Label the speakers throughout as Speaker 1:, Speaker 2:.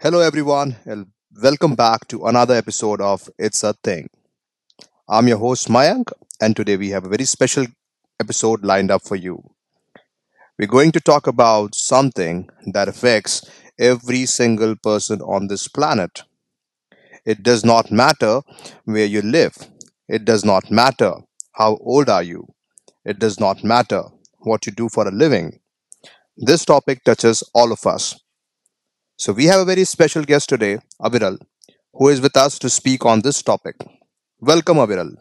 Speaker 1: Hello, everyone, and welcome back to another episode of It's a Thing. I'm your host, Mayank, and today we have a very special episode lined up for you. We're going to talk about something that affects every single person on this planet. It does not matter where you live, it does not matter how old are you, it does not matter what you do for a living. This topic touches all of us. So, we have a very special guest today, Aviral, who is with us to speak on this topic. Welcome, Aviral.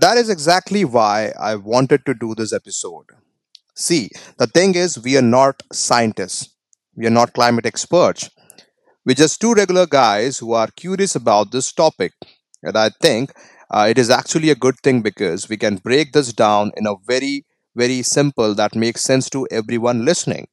Speaker 1: That is exactly why I wanted to do this episode. See, the thing is, we are not scientists, we are not climate experts. We're just two regular guys who are curious about this topic. And I think it is actually a good thing because we can break this down in a very, very simple that makes sense to everyone listening.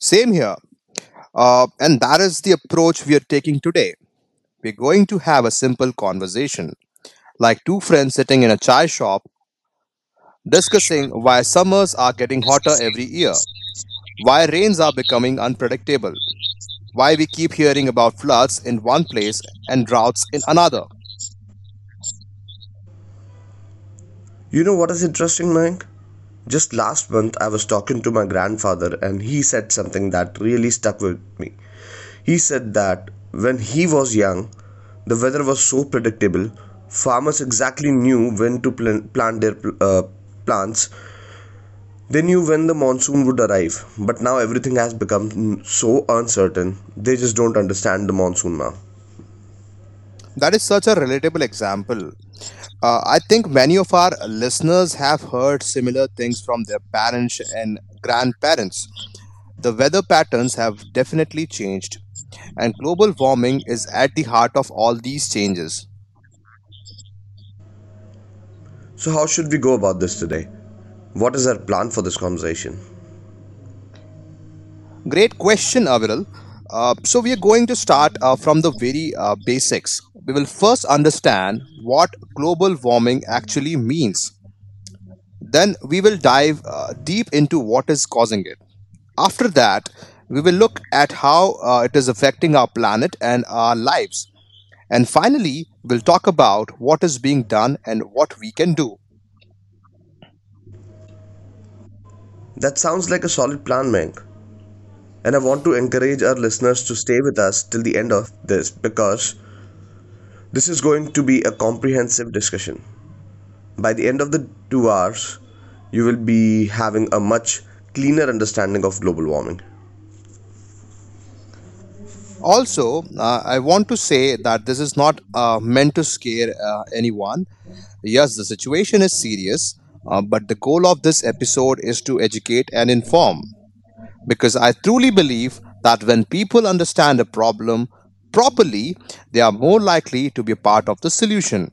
Speaker 1: Same here. And that is the approach we are taking today. We're going to have a simple conversation, like two friends sitting in a chai shop discussing why summers are getting hotter every year, why rains are becoming unpredictable, why we keep hearing about floods in one place and droughts in another.
Speaker 2: You know what is interesting, Mayank? Just last month, I was talking to my grandfather, and he said something that really stuck with me. He said that when he was young, the weather was so predictable, farmers exactly knew when to plant their plants. They knew when the monsoon would arrive, but now everything has become so uncertain, they just don't understand the monsoon now.
Speaker 1: That is such a relatable example. I think many of our listeners have heard similar things from their parents and grandparents. The weather patterns have definitely changed, and global warming is at the heart of all these changes.
Speaker 2: So, how should we go about this today? What is our plan for this conversation?
Speaker 1: Great question, Aviral. So we are going to start from the very basics. We will first understand what global warming actually means. Then we will dive deep into what is causing it. After that, we will look at how it is affecting our planet and our lives. And finally, we'll talk about what is being done and what we can do.
Speaker 2: That sounds like a solid plan, Mank. And I want to encourage our listeners to stay with us till the end of this because this is going to be a comprehensive discussion. By the end of the 2 hours, you will be having a much cleaner understanding of global warming.
Speaker 1: Also, I want to say that this is not meant to scare anyone. Yes, the situation is serious, but the goal of this episode is to educate and inform. Because I truly believe that when people understand a problem properly, they are more likely to be a part of the solution.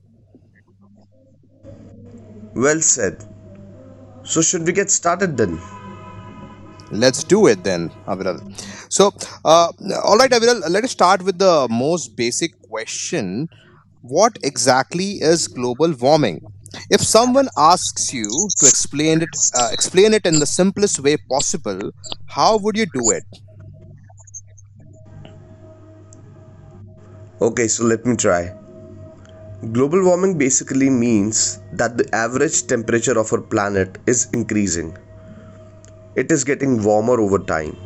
Speaker 2: Well said. So, should we get started then?
Speaker 1: Let's do it then, Aviral. So, uh, all right, Aviral, let us start with the most basic question. What exactly is global warming? If someone asks you to explain it in the simplest way possible, how would you do it?
Speaker 2: Okay, so let me try. Global warming basically means that the average temperature of our planet is increasing. It is getting warmer over time.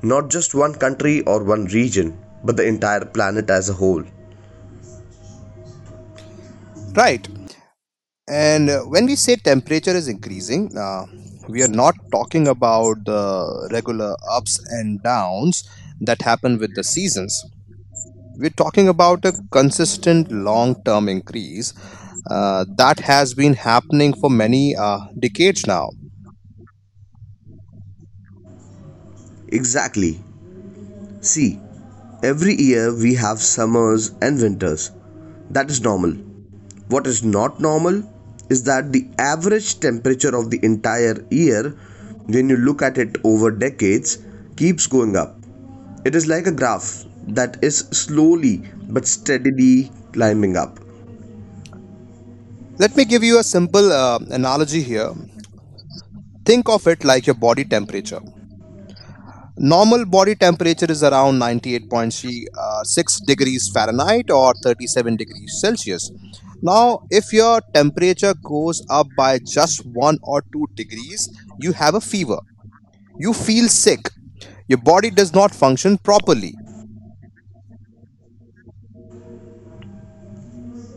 Speaker 2: Not just one country or one region, but the entire planet as a whole.
Speaker 1: Right. And when we say temperature is increasing, we are not talking about the regular ups and downs that happen with the seasons. We're talking about a consistent long term increase that has been happening for many decades now.
Speaker 2: Exactly. See, every year we have summers and winters. That is normal. What is not normal is that the average temperature of the entire year, when you look at it over decades, keeps going up. It is like a graph that is slowly but steadily climbing up.
Speaker 1: Let me give you a simple analogy here. Think of it like your body temperature. Normal body temperature is around 98.6 degrees Fahrenheit or 37 degrees Celsius. Now, if your temperature goes up by just 1 or 2 degrees, you have a fever. You feel sick. Your body does not function properly.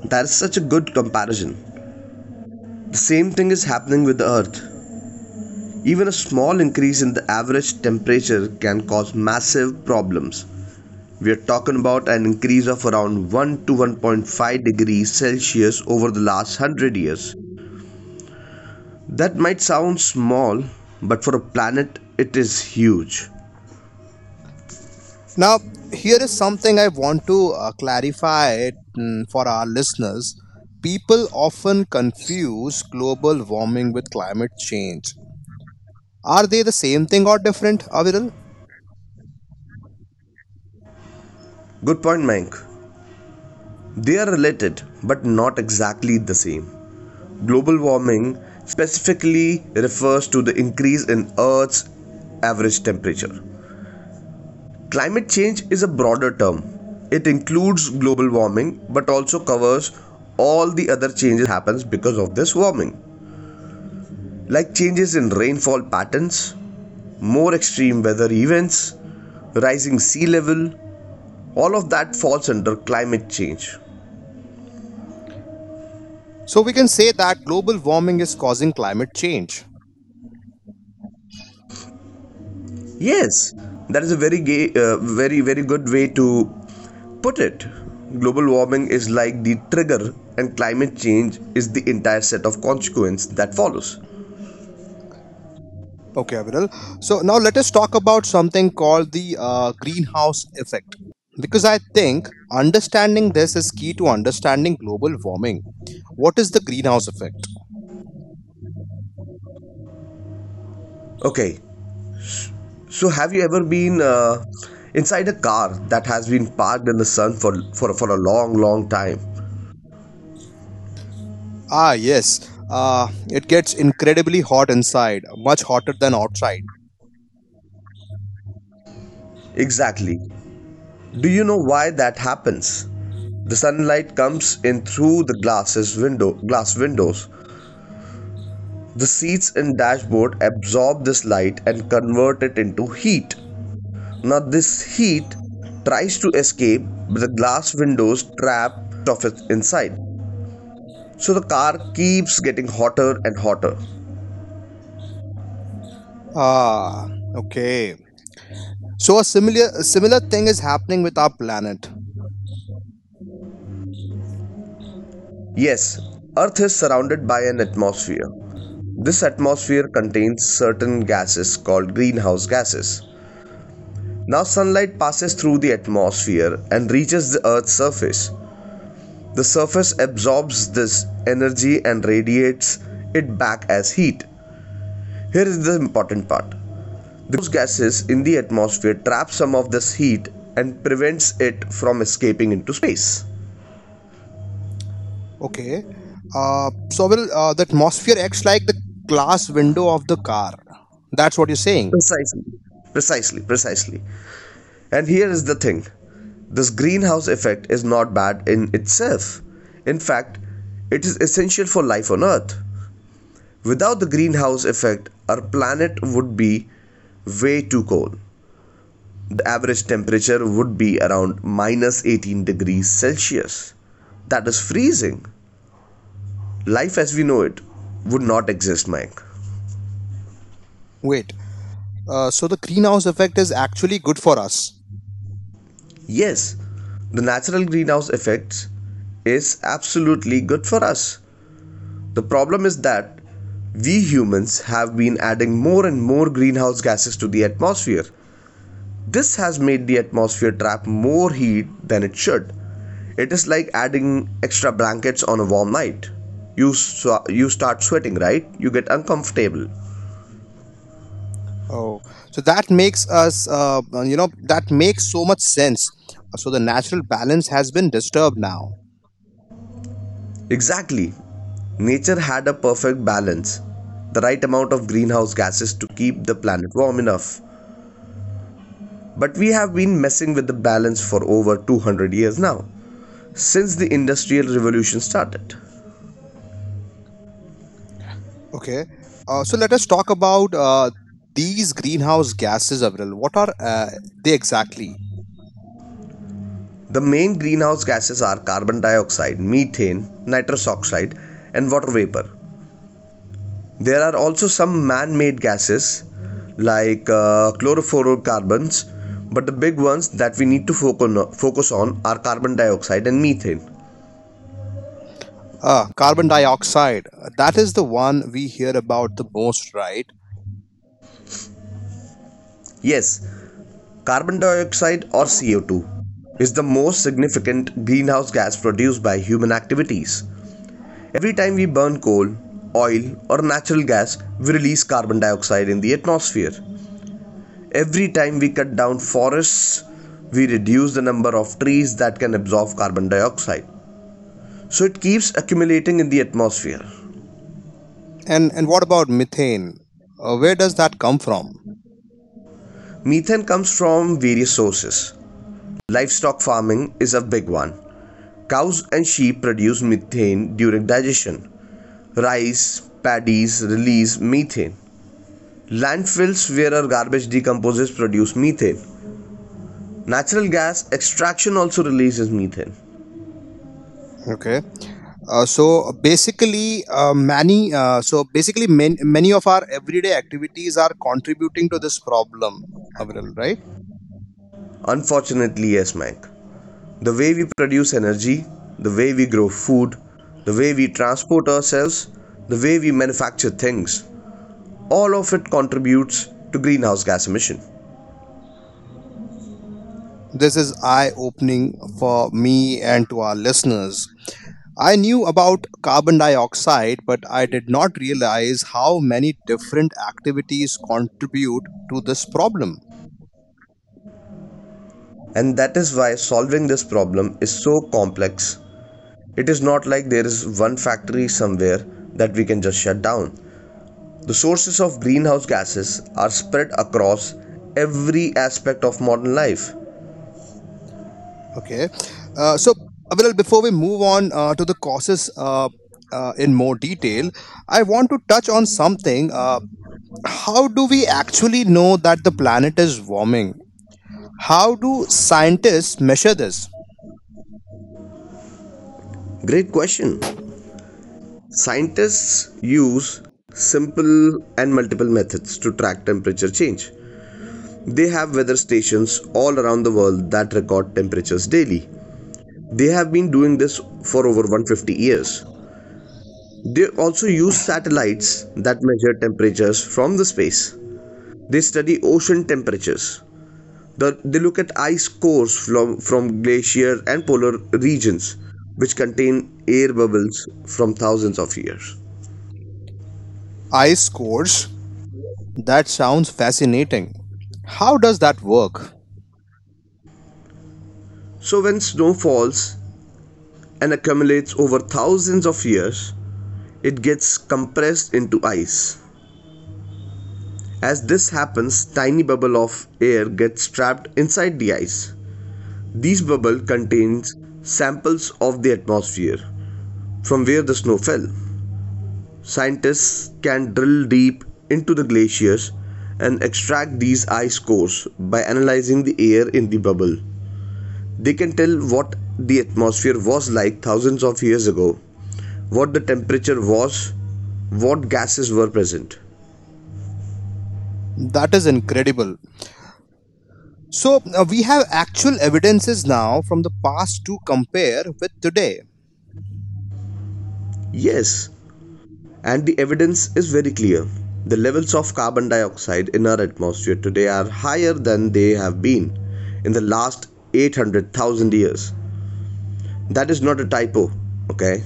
Speaker 2: That is such a good comparison. The same thing is happening with the Earth. Even a small increase in the average temperature can cause massive problems. We are talking about an increase of around 1 to 1.5 degrees Celsius over the last 100 years. That might sound small, but for a planet, it is huge.
Speaker 1: Now, here is something I want to clarify for our listeners. People often confuse global warming with climate change. Are they the same thing or different, Aviral?
Speaker 2: Good point, Mank. They are related, but not exactly the same. Global warming specifically refers to the increase in Earth's average temperature. Climate change is a broader term. It includes global warming but also covers all the other changes happens because of this warming, like changes in rainfall patterns, more extreme weather events, rising sea level, all of that falls under climate change.
Speaker 1: So, we can say that global warming is causing climate change.
Speaker 2: Yes, that is a very gay, very very good way to put it. Global warming is like the trigger and climate change is the entire set of consequence that follows.
Speaker 1: Okay, Aviral. So, now let us talk about something called the greenhouse effect. Because I think understanding this is key to understanding global warming. What is the greenhouse effect?
Speaker 2: Okay, so, have you ever been inside a car that has been parked in the sun for, for a long time?
Speaker 1: Ah, yes. It gets incredibly hot inside, much hotter than outside.
Speaker 2: Exactly. Do you know why that happens? The sunlight comes in through the glass windows. The seats and dashboard absorb this light and convert it into heat. Now, this heat tries to escape, but the glass windows trap of it inside. So the car keeps getting hotter and hotter.
Speaker 1: Ah, okay. So a similar thing is happening with our planet.
Speaker 2: Yes, Earth is surrounded by an atmosphere. This atmosphere contains certain gases called greenhouse gases. Now, sunlight passes through the atmosphere and reaches the Earth's surface. The surface absorbs this energy and radiates it back as heat. Here is the important part: the gases in the atmosphere trap some of this heat and prevents it from escaping into space.
Speaker 1: Okay. So will the atmosphere acts like the glass window of the car? That's what you're saying.
Speaker 2: Precisely. Precisely. And here is the thing: this greenhouse effect is not bad in itself. In fact, it is essential for life on Earth. Without the greenhouse effect, our planet would be way too cold. The average temperature would be around minus 18 degrees Celsius. That is freezing. Life as we know it would not exist, Mike.
Speaker 1: Wait. So the greenhouse effect is actually good for us.
Speaker 2: Yes, the natural greenhouse effect is absolutely good for us. The problem is that we humans have been adding more and more greenhouse gases to the atmosphere. This has made the atmosphere trap more heat than it should. It is like adding extra blankets on a warm night. You start sweating, right? You get uncomfortable.
Speaker 1: Oh, so that makes us, that makes so much sense. So the natural balance has been disturbed now.
Speaker 2: Exactly. Nature had a perfect balance, the right amount of greenhouse gases to keep the planet warm enough. But we have been messing with the balance for over 200 years now, since the Industrial Revolution started.
Speaker 1: Okay. So let us talk about these greenhouse gases, Avril. What are they exactly?
Speaker 2: The main greenhouse gases are carbon dioxide, methane, nitrous oxide, and water vapor. There are also some man made gases like chlorofluorocarbons, but the big ones that we need to focus on are carbon dioxide and methane.
Speaker 1: Carbon dioxide. That is the one we hear about the most, right?
Speaker 2: Yes, carbon dioxide or CO2 is the most significant greenhouse gas produced by human activities. Every time we burn coal, oil, or natural gas, we release carbon dioxide in the atmosphere. Every time we cut down forests, we reduce the number of trees that can absorb carbon dioxide. So it keeps accumulating in the atmosphere.
Speaker 1: And what about methane? Where does that come from?
Speaker 2: Methane comes from various sources. Livestock farming is a big one. Cows and sheep produce methane during digestion. Rice, paddies release methane. Landfills where our garbage decomposes produce methane. Natural gas extraction also releases methane.
Speaker 1: Okay. So basically, many so basically man, many of our everyday activities are contributing to this problem, Avril. Right?
Speaker 2: Unfortunately, yes, Mike. The way we produce energy, the way we grow food, the way we transport ourselves, the way we manufacture things, all of it contributes to greenhouse gas emission.
Speaker 1: This is eye opening for me and to our listeners. I knew about carbon dioxide, but I did not realize how many different activities contribute to this problem.
Speaker 2: And that is why solving this problem is so complex. It is not like there is one factory somewhere that we can just shut down. The sources of greenhouse gases are spread across every aspect of modern life.
Speaker 1: Okay. So, Aviral, before we move on to the causes in more detail, I want to touch on something. How do we actually know that the planet is warming? How do scientists measure this?
Speaker 2: Great question. Scientists use simple and multiple methods to track temperature change. They have weather stations all around the world that record temperatures daily. They have been doing this for over 150 years. They also use satellites that measure temperatures from the space. They study ocean temperatures. They look at ice cores from, glacier and polar regions, which contain air bubbles from thousands of years.
Speaker 1: Ice cores? That sounds fascinating. How does that work?
Speaker 2: So when snow falls, and accumulates over thousands of years, it gets compressed into ice. As this happens, tiny bubble of air gets trapped inside the ice. These bubble contains samples of the atmosphere from where the snow fell. Scientists can drill deep into the glaciers and extract these ice cores by analyzing the air in the bubble. They can tell what the atmosphere was like thousands of years ago, what the temperature was, what gases were present.
Speaker 1: That is incredible. So, we have actual evidences now from the past to compare with today.
Speaker 2: Yes, and the evidence is very clear. The levels of carbon dioxide in our atmosphere today are higher than they have been in the last 800,000 years. That is not a typo, okay?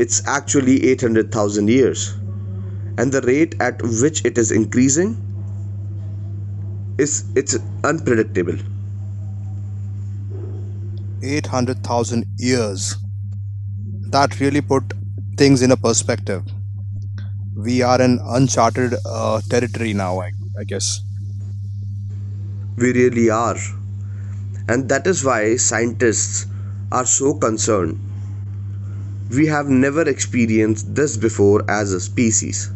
Speaker 2: It's actually 800,000 years. And the rate at which it is increasing is it's unpredictable.
Speaker 1: 800,000 years. That really put things in a perspective. We are in uncharted territory now, I guess.
Speaker 2: We really are. And that is why scientists are so concerned. We have never experienced this before as a species.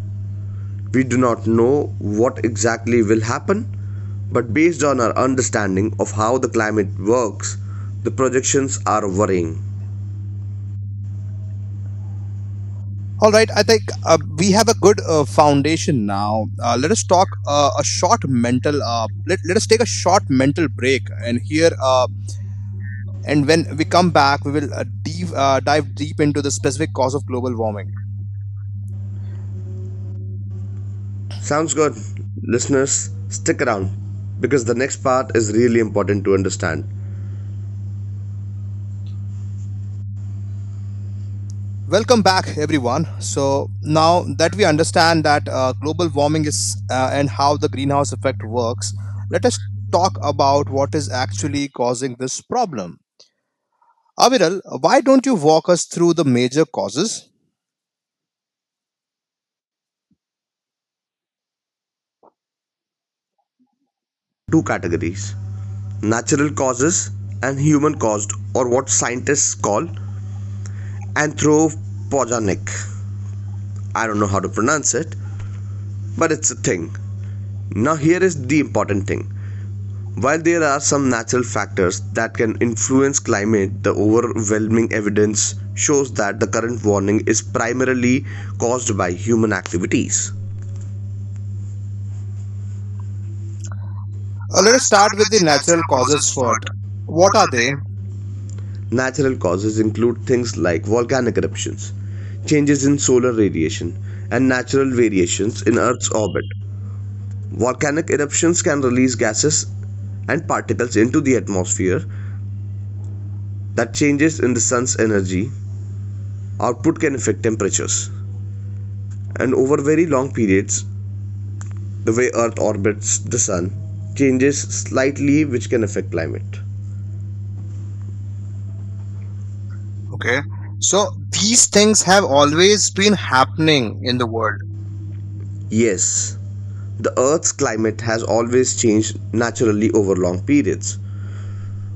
Speaker 2: We do not know what exactly will happen, but based on our understanding of how the climate works, the projections are worrying.
Speaker 1: All right, I think we have a good foundation now. Let us talk a short mental. Let us take a short mental break and here. And when we come back, we will dive deep into the specific cause of global warming.
Speaker 2: Sounds good. Listeners, stick around because the next part is really important to understand.
Speaker 1: Welcome back, everyone. So now that we understand that global warming is and how the greenhouse effect works, let us talk about what is actually causing this problem. Aviral, why don't you walk us through the major causes?
Speaker 2: Two categories: natural causes and human caused, or what scientists call anthropogenic. I don't know how to pronounce it, but it's a thing. Now, here is the important thing. While there are some natural factors that can influence climate, the overwhelming evidence shows that the current warming is primarily caused by human activities. Uh,
Speaker 1: Let us
Speaker 2: let's start
Speaker 1: start with
Speaker 2: with
Speaker 1: the
Speaker 2: the
Speaker 1: natural
Speaker 2: natural
Speaker 1: causes
Speaker 2: causes
Speaker 1: first.
Speaker 2: first.
Speaker 1: What
Speaker 2: What
Speaker 1: are
Speaker 2: are
Speaker 1: they?
Speaker 2: they? Natural causes include things like volcanic eruptions, changes in solar radiation, and natural variations in Earth's orbit. Volcanic eruptions can release gases and particles into the atmosphere, that changes in the sun's energy output can affect temperatures, and over very long periods the way earth orbits the sun changes slightly, which can affect climate. Okay.
Speaker 1: Okay.
Speaker 2: So
Speaker 1: So these
Speaker 2: these
Speaker 1: things
Speaker 2: things
Speaker 1: have
Speaker 2: have
Speaker 1: always
Speaker 2: always
Speaker 1: been
Speaker 2: been
Speaker 1: happening
Speaker 2: happening in
Speaker 1: in the
Speaker 2: the world.
Speaker 1: world.
Speaker 2: Yes, the Earth's climate has always changed naturally over long periods.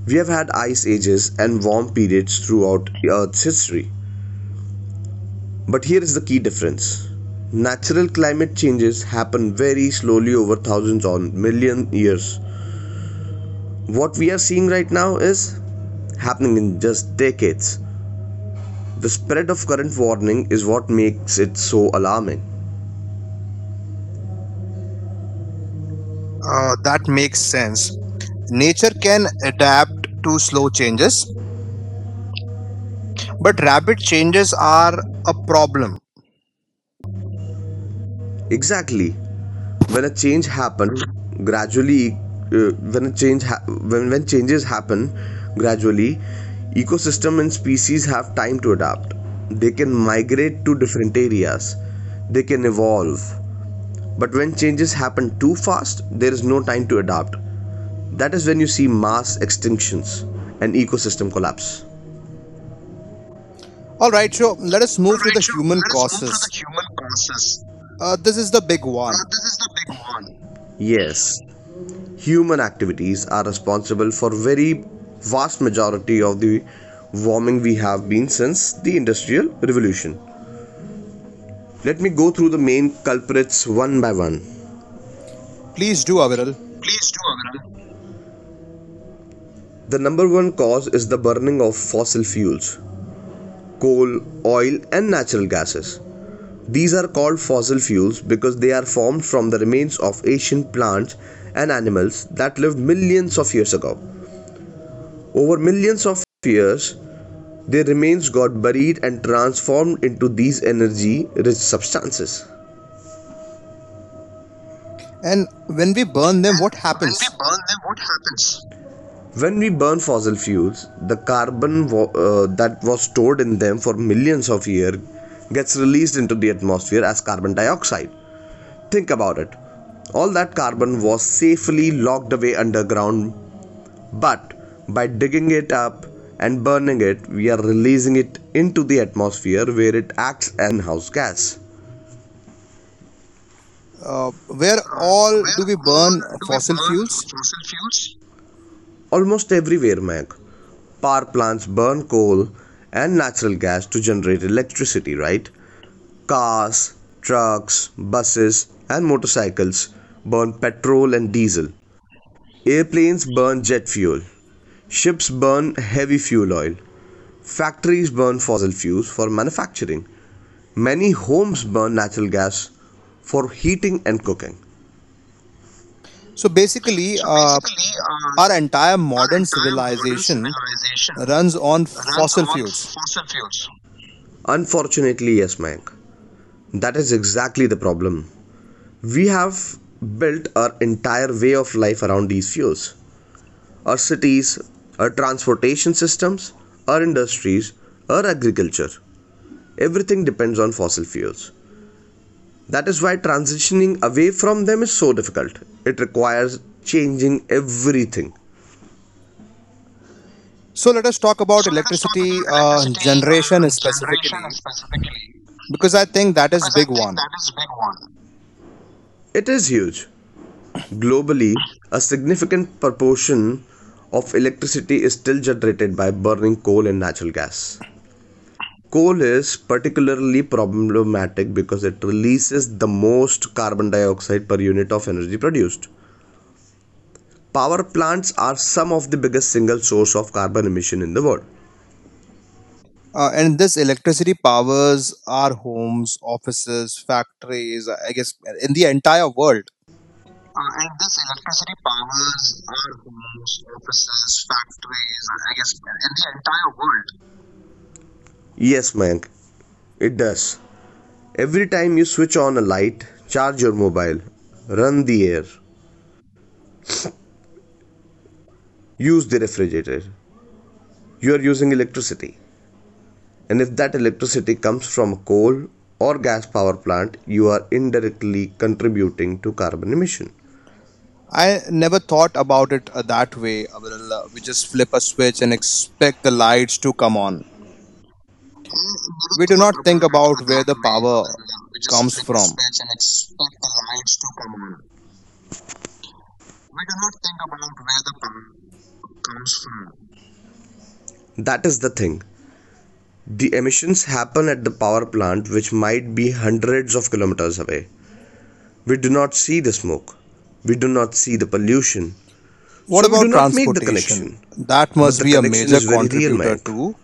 Speaker 2: We have had ice ages and warm periods throughout the Earth's history. But here is the key difference. Natural climate changes happen very slowly over thousands or million years. What we are seeing right now is happening in just decades. The spread of current warming is what makes it so alarming. Uh, that
Speaker 1: That makes
Speaker 2: makes
Speaker 1: sense.
Speaker 2: sense.
Speaker 1: Nature
Speaker 2: Nature can
Speaker 1: can
Speaker 2: adapt
Speaker 1: adapt
Speaker 2: to
Speaker 1: to
Speaker 2: slow
Speaker 1: slow changes,
Speaker 2: changes, but
Speaker 1: but rapid
Speaker 2: rapid
Speaker 1: changes
Speaker 2: changes are
Speaker 1: are
Speaker 2: a
Speaker 1: a
Speaker 2: problem.
Speaker 1: problem.
Speaker 2: Exactly. When a change happens gradually, when a change ha- when changes happen gradually, ecosystem and species have time to adapt. They can migrate to different areas. They can evolve. But when changes happen too fast, there is no time to adapt. That is when you see mass extinctions and ecosystem collapse.
Speaker 1: All right, so let us move to
Speaker 2: Alright,
Speaker 1: the
Speaker 2: so
Speaker 1: human
Speaker 2: let us move to the
Speaker 1: causes.
Speaker 2: human causes.
Speaker 1: This is the big
Speaker 2: Uh,
Speaker 1: one.
Speaker 2: this is the big one. Yes, human activities are responsible for very vast majority of the warming we have been since the industrial revolution. Let me go through the main culprits one by one.
Speaker 1: Please do, Aviral.
Speaker 2: Please do, Aviral. The number one cause is the burning of fossil fuels, coal, oil, and natural gases. These are called fossil fuels because they are formed from the remains of ancient plants and animals that lived millions of years ago. Over millions of years, their remains got buried and transformed into these energy rich substances.
Speaker 1: And when we burn them, what
Speaker 2: And when we
Speaker 1: happens?
Speaker 2: burn them, what happens? When we burn fossil fuels, the that was stored in them for millions of years gets released into the atmosphere as carbon dioxide. Think about it. All that carbon was safely locked away underground, but by digging it up and burning it, we are releasing it into the atmosphere where it acts as greenhouse gas.
Speaker 1: Where
Speaker 2: Uh,
Speaker 1: all
Speaker 2: where
Speaker 1: do we
Speaker 2: all
Speaker 1: burn
Speaker 2: do we
Speaker 1: fossil
Speaker 2: burn
Speaker 1: fuels?
Speaker 2: fossil fuels? Almost everywhere, Mac. Power plants burn coal and natural gas to generate electricity, right? Cars, trucks, buses, and motorcycles burn petrol and diesel. Airplanes burn jet fuel. Ships burn heavy fuel oil. Factories burn fossil fuels for manufacturing. Many homes burn natural gas for heating and cooking.
Speaker 1: So basically,
Speaker 2: So basically,
Speaker 1: our entire
Speaker 2: our
Speaker 1: modern
Speaker 2: entire modern
Speaker 1: civilization
Speaker 2: civilization
Speaker 1: runs on
Speaker 2: runs
Speaker 1: fossil
Speaker 2: on
Speaker 1: fuels.
Speaker 2: fossil fuels. Unfortunately, yes, Mayank. That is exactly the problem. We have built our entire way of life around these fuels. Our cities, our transportation systems, our industries, our agriculture. Everything depends on fossil fuels. That is why transitioning away from them is so difficult. It requires changing everything.
Speaker 1: So let us talk about
Speaker 2: So let us talk
Speaker 1: electricity
Speaker 2: about electricity
Speaker 1: generation
Speaker 2: generation
Speaker 1: specifically,
Speaker 2: specifically,
Speaker 1: because I think that is
Speaker 2: because I
Speaker 1: big
Speaker 2: think
Speaker 1: one.
Speaker 2: that is a big one. It is huge. Globally, a significant proportion of electricity is still generated by burning coal and natural gas. Coal is particularly problematic because it releases the most carbon dioxide per unit of energy produced. Power plants are some of the biggest single source of carbon emission in the world.
Speaker 1: And this electricity powers our homes, offices, factories, I guess, in the entire world.
Speaker 2: And this electricity powers our homes, offices, factories, I guess, and the entire world. Yes, Mayank, it does. Every time you switch on a light, charge your mobile, run the air, use the refrigerator, you are using electricity. And if that electricity comes from a coal or gas power plant, you are indirectly contributing to carbon emission.
Speaker 1: I never thought about it that way. Abdul. We just flip a switch and expect the lights to come on.
Speaker 2: I never
Speaker 1: We do not
Speaker 2: thought
Speaker 1: think
Speaker 2: about it
Speaker 1: about where
Speaker 2: that
Speaker 1: the
Speaker 2: way,
Speaker 1: power
Speaker 2: we just
Speaker 1: comes
Speaker 2: flip a
Speaker 1: from.
Speaker 2: switch and expect the lights to come on. We do not think about where the power comes from. That is the thing. The emissions happen at the power plant, which might be hundreds of kilometers away. We do not see the smoke. We do not see the pollution.
Speaker 1: What
Speaker 2: So we do
Speaker 1: about
Speaker 2: not make the
Speaker 1: transportation?
Speaker 2: connection.
Speaker 1: That
Speaker 2: But
Speaker 1: must
Speaker 2: the
Speaker 1: be a
Speaker 2: connection
Speaker 1: major
Speaker 2: is very real,
Speaker 1: contributor
Speaker 2: Mayank.
Speaker 1: too.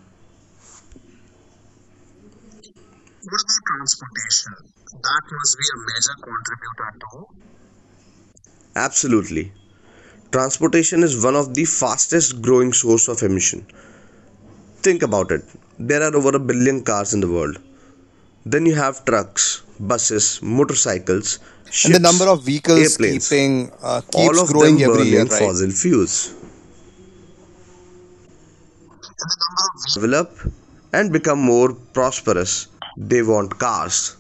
Speaker 2: What about transportation? That must be a major contributor too. Absolutely. Transportation is one of the fastest growing source of emission. Think about it. There are over a billion cars in the world. Then you have trucks, buses, motorcycles,
Speaker 1: And the
Speaker 2: ships,
Speaker 1: number of vehicles
Speaker 2: airplanes,
Speaker 1: keeping
Speaker 2: all
Speaker 1: keeps
Speaker 2: of
Speaker 1: growing
Speaker 2: them
Speaker 1: every year,
Speaker 2: burning
Speaker 1: right?
Speaker 2: fossil fuels. And the number of develop and become more prosperous, they want cars,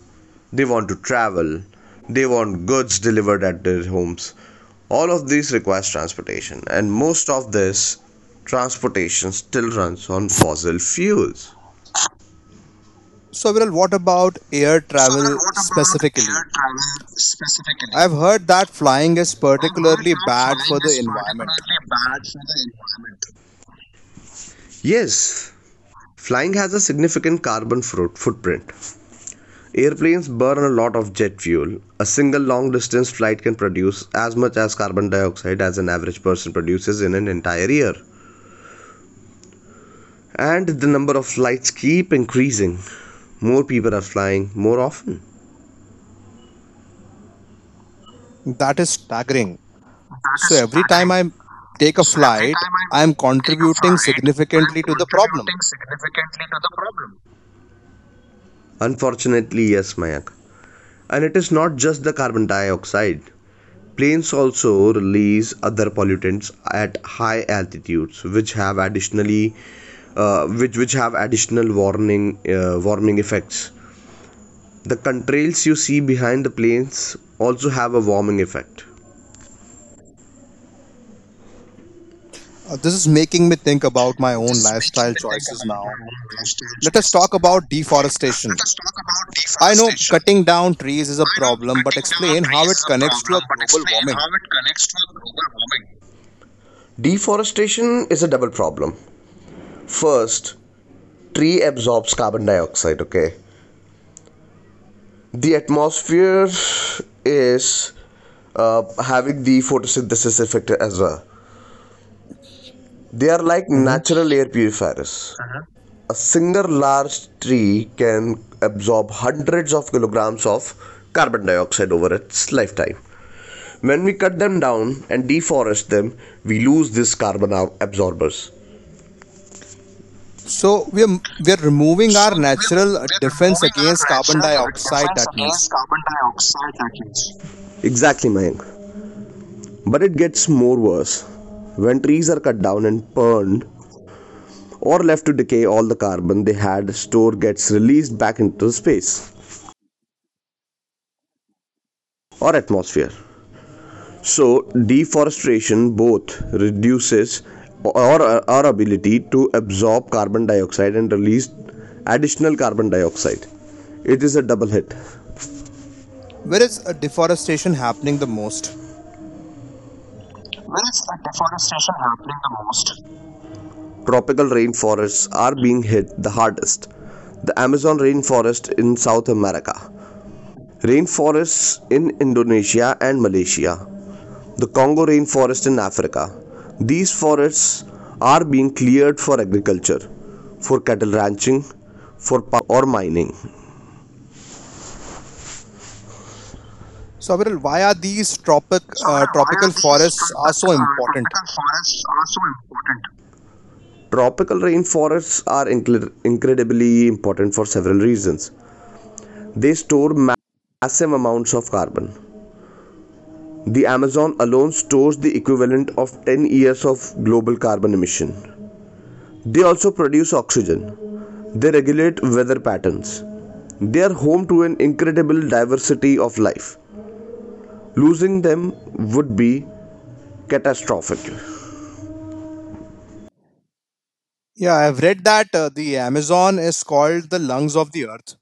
Speaker 2: they want to travel, they want goods delivered at their homes. All of these requires transportation, and most of this transportation still runs on fossil fuels.
Speaker 1: So, Viral, what about air
Speaker 2: Saran,
Speaker 1: travel
Speaker 2: what about
Speaker 1: specifically?
Speaker 2: air travel specifically?
Speaker 1: I've heard that flying is
Speaker 2: I've heard
Speaker 1: particularly
Speaker 2: that
Speaker 1: bad
Speaker 2: flying
Speaker 1: for the
Speaker 2: is
Speaker 1: environment.
Speaker 2: particularly bad for the environment. Yes, flying has a significant carbon fruit footprint. Airplanes burn a lot of jet fuel. A single long distance flight can produce as much as carbon dioxide as an average person produces in an entire year. And the number of flights keep increasing. More people are flying more often.
Speaker 1: That is staggering.
Speaker 2: That is
Speaker 1: So, every time
Speaker 2: staggering.
Speaker 1: I take a
Speaker 2: So every
Speaker 1: flight,
Speaker 2: time I
Speaker 1: I'm
Speaker 2: take a
Speaker 1: contributing
Speaker 2: flight, I am
Speaker 1: significantly to the problem.
Speaker 2: contributing significantly to the problem. Unfortunately, yes, Mayak. And it is not just the carbon dioxide. Planes also release other pollutants at high altitudes, which have additionally, which have additional warning warming effects. The contrails you see behind the planes also have a warming effect.
Speaker 1: This is making me think about
Speaker 2: This
Speaker 1: my own
Speaker 2: is making
Speaker 1: lifestyle
Speaker 2: me think
Speaker 1: choices
Speaker 2: about my
Speaker 1: now.
Speaker 2: own lifestyle
Speaker 1: Let us
Speaker 2: choices
Speaker 1: talk
Speaker 2: a
Speaker 1: about
Speaker 2: lot.
Speaker 1: deforestation.
Speaker 2: Let us talk about
Speaker 1: I know cutting
Speaker 2: deforestation.
Speaker 1: down trees is a
Speaker 2: I know
Speaker 1: problem, but
Speaker 2: cutting down
Speaker 1: explain
Speaker 2: trees
Speaker 1: how
Speaker 2: is
Speaker 1: it
Speaker 2: a
Speaker 1: connects to a
Speaker 2: problem, but
Speaker 1: global
Speaker 2: explain how
Speaker 1: warming.
Speaker 2: it connects to global warming. Deforestation is a double problem. First, tree absorbs carbon dioxide, okay? The atmosphere is uh, having the photosynthesis effect as well. They are like
Speaker 1: Mhm.
Speaker 2: natural air purifiers. Uh-huh. A single large tree can absorb hundreds of kilograms of carbon dioxide over its lifetime. When we cut them down and deforest them, we lose these carbon absorbers.
Speaker 1: So we are removing
Speaker 2: So
Speaker 1: our
Speaker 2: we're,
Speaker 1: natural
Speaker 2: we're
Speaker 1: defense
Speaker 2: removing our
Speaker 1: against carbon
Speaker 2: natural
Speaker 1: dioxide.
Speaker 2: defense
Speaker 1: That
Speaker 2: against
Speaker 1: means
Speaker 2: carbon dioxide leakage. Exactly, Mayank. But it gets more worse. When trees are cut down and burned, or left to decay, all the carbon they had stored gets released back into space or atmosphere. So, deforestation both reduces or our ability to absorb carbon dioxide and release additional carbon dioxide. It is a double hit.
Speaker 1: where is deforestation happening the most?
Speaker 2: Where is the deforestation happening the most? Tropical rainforests are being hit the hardest. The Amazon rainforest in South America, rainforests in Indonesia and Malaysia, the Congo rainforest in Africa. These forests are being cleared for agriculture, for cattle ranching, for or mining.
Speaker 1: So Aviral, why are these
Speaker 2: So, why are
Speaker 1: tropical
Speaker 2: these
Speaker 1: forests are so important?
Speaker 2: tropical forests are so important? Tropical rainforests are incredibly important for several reasons. They store massive amounts of carbon. The Amazon alone stores the equivalent of 10 years of global carbon emission. They also produce oxygen. They regulate weather patterns. They are home to an incredible diversity of life. Losing them would be catastrophic. Yeah,
Speaker 1: Yeah, I've read that the Amazon is called the lungs of the earth.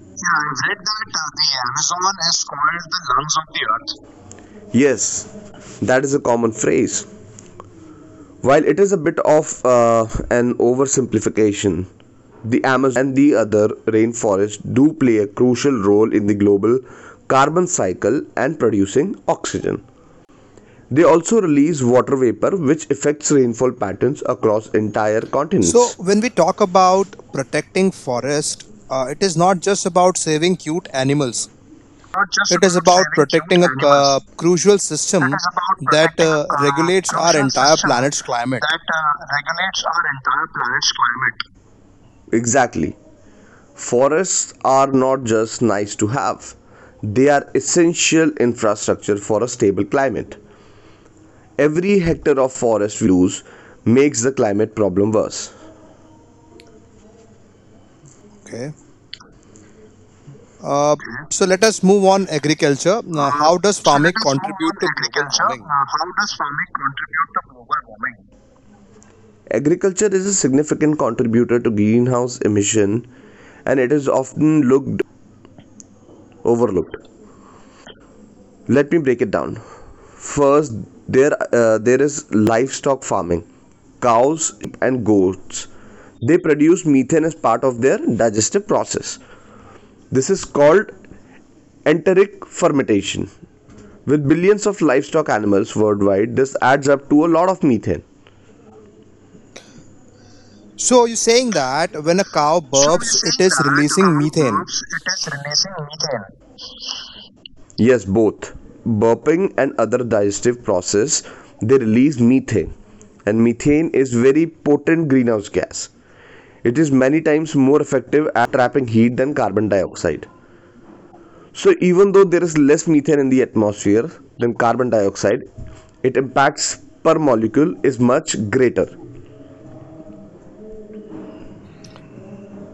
Speaker 2: I have read that the Amazon is called the lungs of the earth. Yes, that is a common phrase. While it is a bit of an oversimplification, the Amazon and the other rainforests do play a crucial role in the global carbon cycle and producing oxygen. They also release water vapor which affects rainfall patterns across entire
Speaker 1: So,
Speaker 2: continents.
Speaker 1: when we talk about protecting forest, it is not just about saving cute animals.
Speaker 2: Not just
Speaker 1: It is
Speaker 2: about
Speaker 1: about
Speaker 2: saving cute
Speaker 1: protecting a
Speaker 2: animals.
Speaker 1: crucial
Speaker 2: It
Speaker 1: system
Speaker 2: is about
Speaker 1: that
Speaker 2: protecting a
Speaker 1: regulates our
Speaker 2: crucial
Speaker 1: entire
Speaker 2: system
Speaker 1: planet's climate.
Speaker 2: that regulates our entire planet's climate. Exactly. Forests are not just nice to have, they are essential infrastructure for a stable climate. Every hectare of forest we lose makes the climate problem worse.
Speaker 1: Okay. Uh,
Speaker 2: Okay.
Speaker 1: so let us move on agriculture. Now,
Speaker 2: Uh,
Speaker 1: how does
Speaker 2: so let
Speaker 1: farming
Speaker 2: us move on
Speaker 1: contribute
Speaker 2: to
Speaker 1: to global
Speaker 2: agriculture.
Speaker 1: warming?
Speaker 2: How does farming contribute to global warming? Agriculture is a significant contributor to greenhouse emission and it is often looked overlooked. Let me break it down. First, there is livestock farming. Cows, and goats. They produce methane as part of their digestive process. This is called enteric fermentation. With billions of livestock animals worldwide, this adds up to a lot of methane.
Speaker 1: So you're saying that when a cow
Speaker 2: So
Speaker 1: burps,
Speaker 2: you're
Speaker 1: it
Speaker 2: saying
Speaker 1: is
Speaker 2: that
Speaker 1: releasing
Speaker 2: cow
Speaker 1: methane.
Speaker 2: burps, it is releasing methane. Yes, both burping and other digestive process they release methane and methane is very potent greenhouse gas. It is many times more effective trapping heat than carbon dioxide. So even though there is less methane in the atmosphere than carbon dioxide, it impacts per molecule is much greater.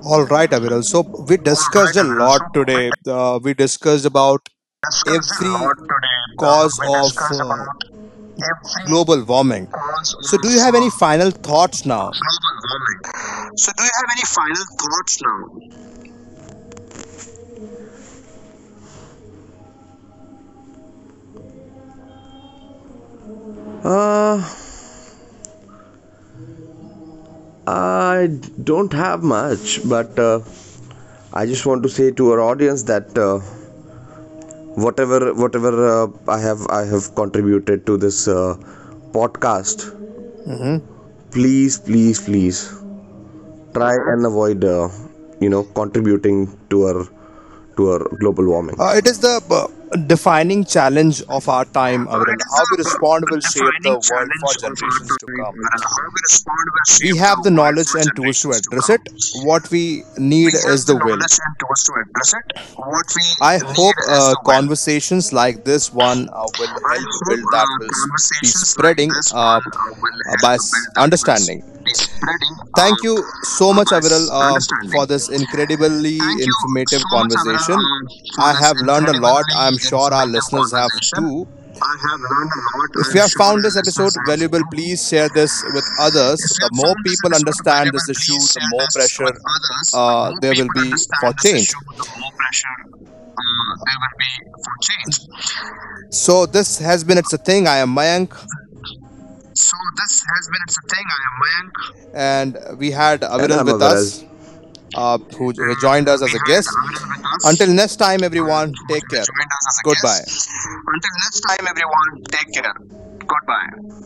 Speaker 1: All right, Aviral. So we
Speaker 2: All
Speaker 1: discussed
Speaker 2: right,
Speaker 1: a
Speaker 2: Aviral. So
Speaker 1: lot
Speaker 2: we
Speaker 1: today. We discussed about
Speaker 2: discussed a lot
Speaker 1: every
Speaker 2: today.
Speaker 1: cause
Speaker 2: We
Speaker 1: of
Speaker 2: discussed about every
Speaker 1: global warming.
Speaker 2: cause of
Speaker 1: So, do you have any final thoughts now?
Speaker 2: global warming. So do you have any final thoughts now? I don't have much, but I just want to say to our audience that whatever whatever I have contributed to this podcast,
Speaker 1: Mhm.
Speaker 2: please try and avoid contributing to our global warming.
Speaker 1: It is the defining challenge of our time,
Speaker 2: It
Speaker 1: Aviral.
Speaker 2: is
Speaker 1: How we
Speaker 2: the
Speaker 1: respond will shape
Speaker 2: defining
Speaker 1: the world
Speaker 2: challenge
Speaker 1: for
Speaker 2: of our
Speaker 1: generations to
Speaker 2: time,
Speaker 1: come.
Speaker 2: and how we respond will
Speaker 1: We
Speaker 2: shape the
Speaker 1: have the
Speaker 2: world for
Speaker 1: knowledge and tools to
Speaker 2: generations to
Speaker 1: address
Speaker 2: come.
Speaker 1: it. What we
Speaker 2: We
Speaker 1: need
Speaker 2: have
Speaker 1: is the
Speaker 2: the
Speaker 1: will.
Speaker 2: knowledge and tools to address it. What
Speaker 1: I
Speaker 2: we need
Speaker 1: hope
Speaker 2: is the will.
Speaker 1: conversations like this one
Speaker 2: I
Speaker 1: will help
Speaker 2: hope
Speaker 1: build that will be
Speaker 2: conversations like
Speaker 1: spreading
Speaker 2: this one will help
Speaker 1: by
Speaker 2: build that will
Speaker 1: understanding.
Speaker 2: be spreading uh,
Speaker 1: Thank you so
Speaker 2: uh,
Speaker 1: much,
Speaker 2: by
Speaker 1: Aviral,
Speaker 2: s- understanding.
Speaker 1: for this
Speaker 2: Thank
Speaker 1: incredibly
Speaker 2: you
Speaker 1: informative
Speaker 2: so much, Avira,
Speaker 1: conversation.
Speaker 2: for
Speaker 1: I
Speaker 2: this
Speaker 1: have learned a lot.
Speaker 2: incredibly
Speaker 1: I'm sure our
Speaker 2: informative
Speaker 1: listeners have
Speaker 2: conversation.
Speaker 1: too.
Speaker 2: I have learned a lot.
Speaker 1: If you
Speaker 2: I'm
Speaker 1: have
Speaker 2: sure
Speaker 1: found
Speaker 2: our
Speaker 1: this
Speaker 2: listeners
Speaker 1: episode
Speaker 2: have
Speaker 1: valuable, please
Speaker 2: too.
Speaker 1: share this with
Speaker 2: If
Speaker 1: others.
Speaker 2: you
Speaker 1: The
Speaker 2: have
Speaker 1: more
Speaker 2: found this
Speaker 1: people
Speaker 2: episode
Speaker 1: understand
Speaker 2: valuable,
Speaker 1: this
Speaker 2: please
Speaker 1: issue, the
Speaker 2: share
Speaker 1: more
Speaker 2: this with
Speaker 1: pressure
Speaker 2: others. The more
Speaker 1: there will
Speaker 2: people
Speaker 1: be
Speaker 2: understand
Speaker 1: for
Speaker 2: this
Speaker 1: change.
Speaker 2: issue, the more pressure there will be for change.
Speaker 1: So, this has been It's a Thing. I am Mayank,
Speaker 2: So this has been It's a Thing. I am Mayank.
Speaker 1: and we had
Speaker 2: And
Speaker 1: Aviral
Speaker 2: I'm
Speaker 1: with
Speaker 2: Avaral.
Speaker 1: us, who
Speaker 2: And
Speaker 1: joined us
Speaker 2: we
Speaker 1: as a
Speaker 2: had Avaran
Speaker 1: guest.
Speaker 2: with us
Speaker 1: Until next time,
Speaker 2: who
Speaker 1: everyone, take care.
Speaker 2: joined us as a
Speaker 1: Goodbye.
Speaker 2: guest. Until next time, everyone, take care. Goodbye.